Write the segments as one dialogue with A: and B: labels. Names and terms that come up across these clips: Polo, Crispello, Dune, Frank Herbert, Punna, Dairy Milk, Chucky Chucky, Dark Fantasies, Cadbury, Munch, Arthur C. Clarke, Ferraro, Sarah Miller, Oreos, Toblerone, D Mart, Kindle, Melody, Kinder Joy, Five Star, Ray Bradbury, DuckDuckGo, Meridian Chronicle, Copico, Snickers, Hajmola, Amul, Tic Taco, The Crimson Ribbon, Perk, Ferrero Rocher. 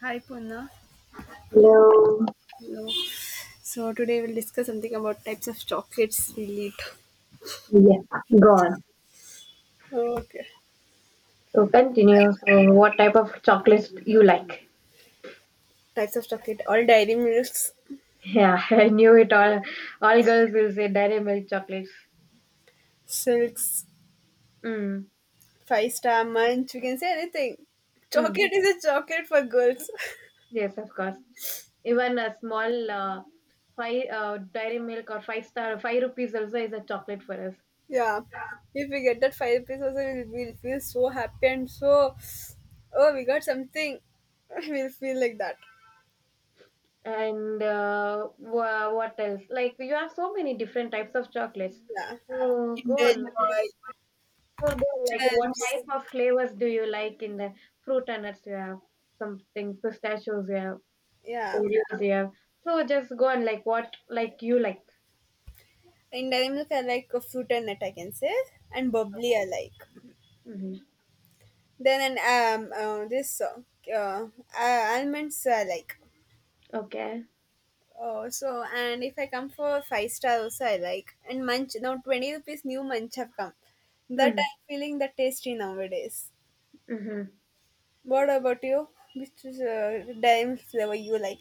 A: Hi Punna.
B: Hello.
A: Hello. So today we'll discuss something about types of chocolates we eat.
B: Yeah, go on.
A: Okay.
B: So continue. So what type of chocolates you like?
A: Types of chocolate, all dairy milks,
B: Yeah, I knew it all. All girls will say dairy milk chocolates.
A: silks,
B: Mm,
A: five-star munch, we can say anything.
B: mm,
A: Chocolate is a chocolate for girls.
B: yes, of course. Even a small five dairy milk or five star five rupees also is a chocolate for us.
A: Yeah. If we get that five rupees also we'll feel so happy and so oh we got something. We'll feel like that.
B: And what else? Like you have so many different types of chocolates.
A: Yeah.
B: So go
A: Kinder
B: on.
A: Joy,
B: So, like, what type
A: gems.
B: of flavors do you like in the fruit and nuts you have? Something pistachios you have,
A: Yeah.
B: Oreos you have. So just go and like what like you like.
A: In dairy milk I like a fruit and nut I can say. And bubbly I like.
B: Hmm.
A: Then and this uh, almonds I like.
B: Okay.
A: Oh, so and if I come for five-star also I like. And munch now 20 rupees new munch have come. That
B: Hmm.
A: I'm feeling the tasty nowadays.
B: Hmm.
A: What about you? Which is dime flavor you like?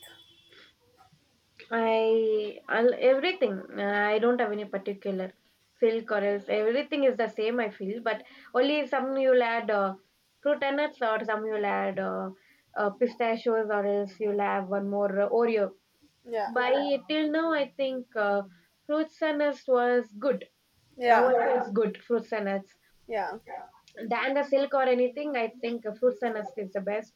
B: I'll, everything. I don't have any particular silk or else everything is the same, I feel, but only some you'll add fruit and nuts, or some you'll add pistachios, or else you'll have one more Oreo.
A: Yeah,
B: By till now, I think fruits and nuts was good. Now
A: yeah,
B: it is good, fruits and nuts.
A: yeah,
B: Than the silk or anything, I think fruits and nuts is the best.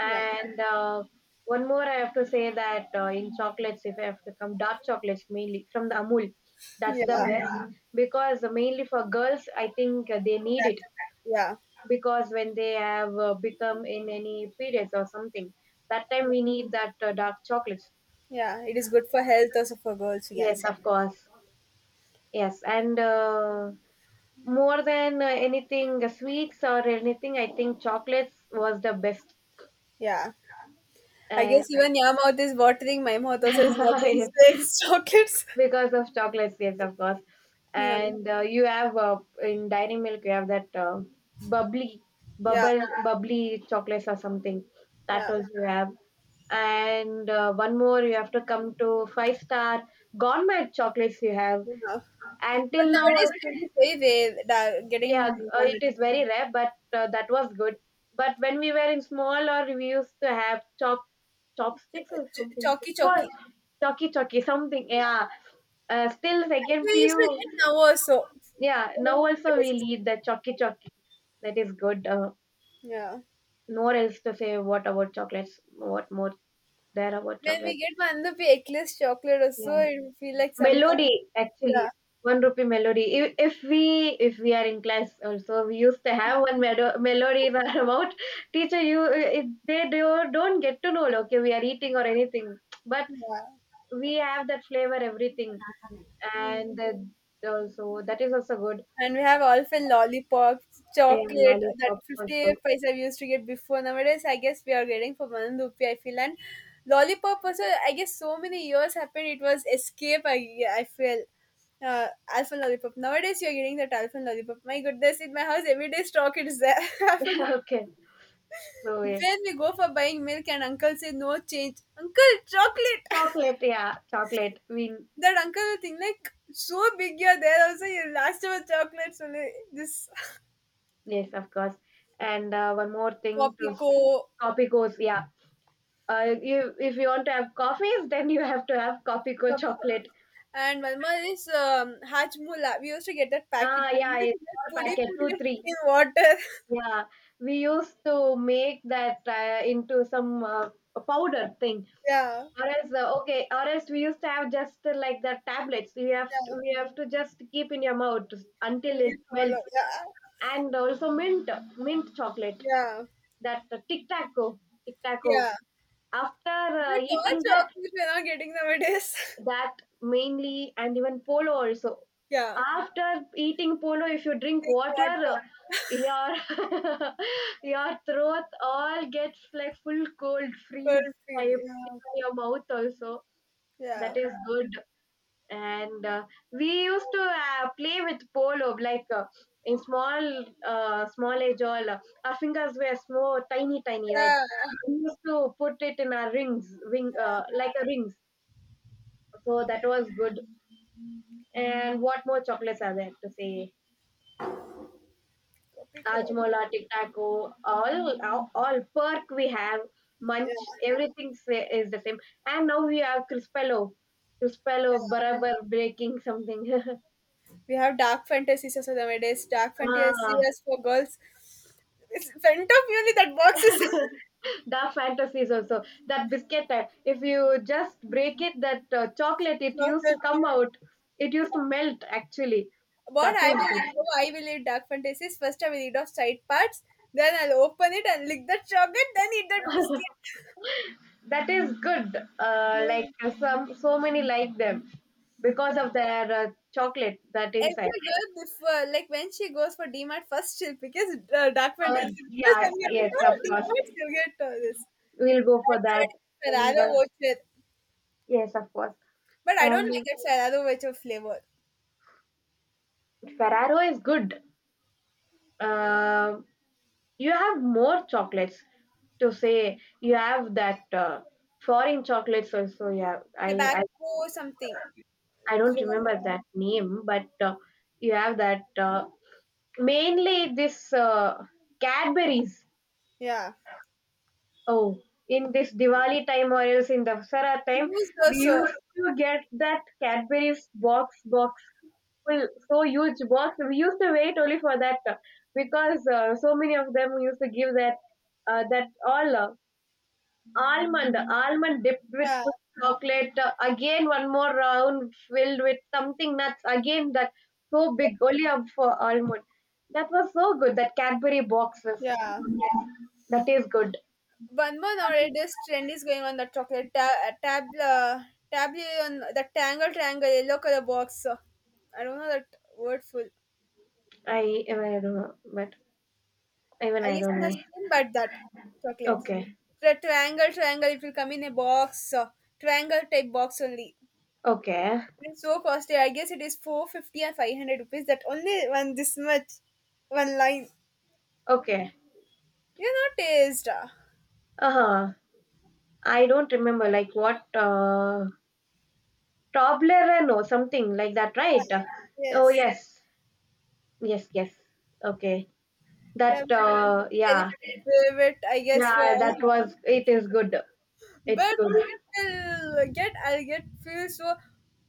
A: yeah,
B: one more, I have to say that in chocolates, if I have to come dark chocolates mainly from the Amul, that's the
A: yeah,
B: best because mainly for girls, I think they need it
A: that- yeah,
B: because when they have become in any periods or something, that time
A: yeah.
B: we need that dark chocolates.
A: Yeah. It is good for health also for girls. We can
B: Yes,
A: say.
B: of course. Yes, and more than anything, sweets or anything, I think chocolates was the best.
A: Yeah, I
B: And
A: guess even your mouth is watering. My mouth also is watering.
B: yes,
A: Straight chocolates.
B: because of chocolates, yes, of course.
A: Yeah,
B: And you have in Dairy Milk, you have that bubbly,
A: yeah,
B: bubbly chocolates or something. That
A: yeah.
B: was you have. And one more, you have to come to five star gourmet chocolates you have.
A: Yeah.
B: And
A: But
B: till now,
A: nowadays we do pay way
B: yeah,
A: getting one
B: it is very rare, but that was good. But when we were in small, or we used to have chopsticks or something. It's
A: chalky chalky.
B: called Chucky Chucky something. Yeah. Still
A: I think
B: second
A: we used to
B: PU.
A: get now also.
B: Yeah. Now also we lead the Chucky Chucky. That is good.
A: Yeah.
B: No else to say. What about chocolates? What more there about
A: When we
B: chocolates?
A: get one the eggless chocolate also,
B: Yeah.
A: it will feel like something.
B: Melody,
A: Yeah.
B: actually, one rupee melody. If we are in class also, we used to have one melody in our mouth. Teacher, you if they do, don't get to know. Okay, we are eating or anything, but
A: Yeah.
B: we have that flavor, everything, and
A: Mm.
B: the, also that is also good.
A: And we have often lollipops,
B: Yeah,
A: chocolate that
B: lollipops
A: 50
B: also.
A: paisa we used to get before. Nowadays, I guess we are getting for one rupee, I feel. And lollipop also, I guess so many years happened, it was escape, I feel. Uh, alpha lollipop. Nowadays, you're getting that alpha lollipop. My goodness, in my house, every day stock it is there. Alpha lol-
B: Okay, so yes,
A: when we go for buying milk and uncle say no change. Uncle, chocolate!
B: chocolate. Yeah, chocolate. I mean
A: That uncle will think like, so big you're there also, you last of a chocolates only. This.
B: yes, of course. And one more thing
A: Copy
B: to
A: co
B: copy goes. Yeah, you, if you want to have coffees, then you have to have coffee co
A: Topical.
B: chocolate.
A: And one more is Hajmola. We used to get that packet.
B: Ah,
A: We
B: yeah,
A: used to
B: it's
A: get
B: small
A: pudi
B: packet,
A: pudi
B: two, three.
A: in water.
B: Yeah, we used to make that into some a powder thing,
A: Yeah,
B: or else okay, or else we used to have just like the tablets.
A: yeah.
B: We have to just keep in your mouth
A: We
B: until it
A: used to follow.
B: melts,
A: Yeah,
B: and also mint chocolate.
A: yeah,
B: That tic taco, tic taco.
A: yeah.
B: After
A: The torch
B: eating that,
A: chocolates we're not getting nowadays.
B: that mainly, and even polo also.
A: Yeah.
B: After eating polo, if you drink
A: Drink
B: water, uh,
A: water.
B: your your throat all gets like full cold freeze
A: Perfect.
B: type in
A: Yeah,
B: your mouth also. That
A: yeah,
B: is good. And we used to play with polo in small small age all our fingers were small tiny tiny right,
A: yeah,
B: we used to put it in our rings wing
A: yeah.
B: like a rings, so that was good. And what more chocolates are there to say?
A: Topical.
B: Ajmola, Tic Taco, all perk we have, munch,
A: Yeah,
B: is the same. And now we have Crispello,
A: yeah.
B: Crispello, Barabar breaking something.
A: We have dark fantasies also nowadays. Dark
B: Ah,
A: fantasies for girls. It's front of you only that box is.
B: dark fantasies also. That biscuit, if you just break it, that chocolate, it used to come out. It used to melt actually.
A: What
B: That
A: I
B: is
A: will eat,
B: good.
A: oh, I will eat dark fantasies. First, I will eat off side parts, then I'll open it and lick that chocolate, then eat that biscuit.
B: That is good. Like some so many like them because
A: Yeah.
B: of their chocolate that
A: Every
B: inside.
A: girl before, like when she goes for D mart, first she'll pick is dark fantasy because
B: Yeah,
A: when you
B: yes,
A: go
B: of
A: to D
B: course.
A: mart she'll get all this.
B: We'll go for
A: And
B: that.
A: nowadays,
B: And
A: Ferrero Rocher,
B: yes, of course.
A: but I don't like
B: And
A: that Ferrero Rocher flavor.
B: Ferraro is good. Uh, you have more chocolates to say. You have that foreign chocolates also. Yeah,
A: Tobacco something.
B: I don't remember that name, but you have that. Mainly this Cadbury's.
A: Yeah.
B: Oh, in this Diwali time or else in the Vasara time,
A: Use
B: we
A: also.
B: used to get that Cadbury's box full, so huge box. We used to wait only for that because so many of them used to give that that all almond dipped with
A: Yeah.
B: full chocolate, uh, again one more round filled with something nuts, again that so big, only a for almond. That was so good, that Cadbury boxes.
A: Yeah.
B: Yes, that is good.
A: One more nowadays trend is going on the chocolate tab on the tangle triangle yellow color box. I don't know that word full.
B: I don't know, but even
A: I
B: I
A: guess
B: don't
A: not
B: know.
A: same, but that chocolate.
B: Okay,
A: The triangle triangle it will come in a box, triangle type box only.
B: okay,
A: It's so costly. I guess it is 450 or 500 rupees. That only one this much, one line.
B: okay.
A: You're not taste.
B: Uh-huh. I don't remember, like what, Toblerone or something like that, right?
A: Yeah.
B: Oh,
A: Yes,
B: yes, yes, yes. Okay.
A: that
B: That,
A: was very
B: yeah.
A: favorite. I guess for
B: Yeah,
A: all.
B: that was it is good. It's
A: But
B: good.
A: I'll get feel so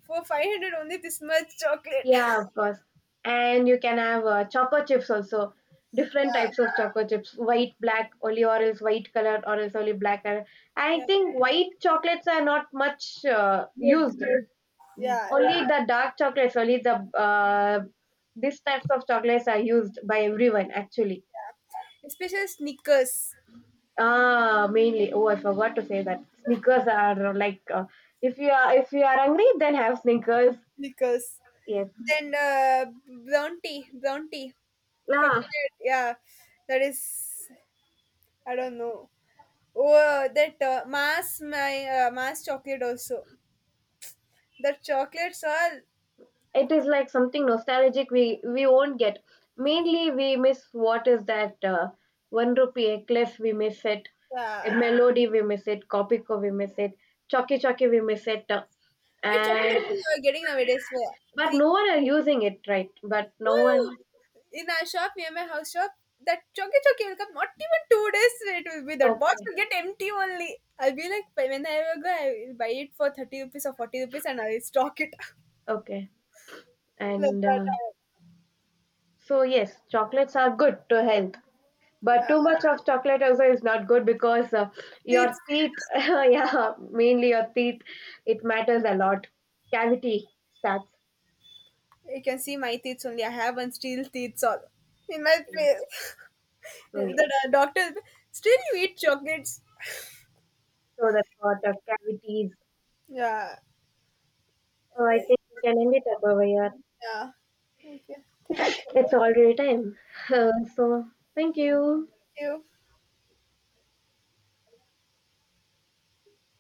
A: for 500 only this much chocolate.
B: Yeah, of course. And you can have choco chips also. Different
A: Yeah,
B: types of choco chips. White, black, only or else white color or else only black color. I
A: yeah,
B: think white chocolates are not much
A: good.
B: used.
A: Yeah,
B: Only the dark chocolates, only the these types of chocolates are used by everyone actually.
A: especially Snickers,
B: Ah, mainly. Oh, I forgot to say that Snickers are like if you are hungry, then have Snickers.
A: Snickers.
B: Yes,
A: Then brown tea,
B: yeah,
A: calculate. Yeah, that is I don't know. Oh, that mass my mass chocolate also. The chocolates are
B: it is like something nostalgic we won't get. Mainly, we miss what is that one rupee a cliff we miss it, a
A: yeah.
B: melody we miss it, Copico we miss it, Chucky Chucky we miss it,
A: Where chocolates are
B: and
A: you are getting nowadays? Where?
B: but no
A: Frequently.
B: one are using it right. But no
A: Oh,
B: one.
A: in our shop, near my house shop, that choky choky will come. Not even 2 days it will be that box
B: Okay,
A: will get empty only. I'll be like "But when I will go, I will buy it for 30 rupees or 40 rupees and I'll stock it
B: okay,
A: like
B: and
A: that.
B: so yes, chocolates are good to health. But
A: Uh,
B: too much of chocolate also is not good because your
A: teeth,
B: teeth, yeah, mainly your teeth, it matters a lot. Cavity stats.
A: you can see my teeth only. I have one steel teeth all in my face.
B: So yes.
A: The doctor will be, still you eat chocolates.
B: So that's what cavities.
A: Yeah,
B: So I think we can end it up over here.
A: yeah. Okay, thank you.
B: It's
A: Thank
B: already time. So thank you.
A: you.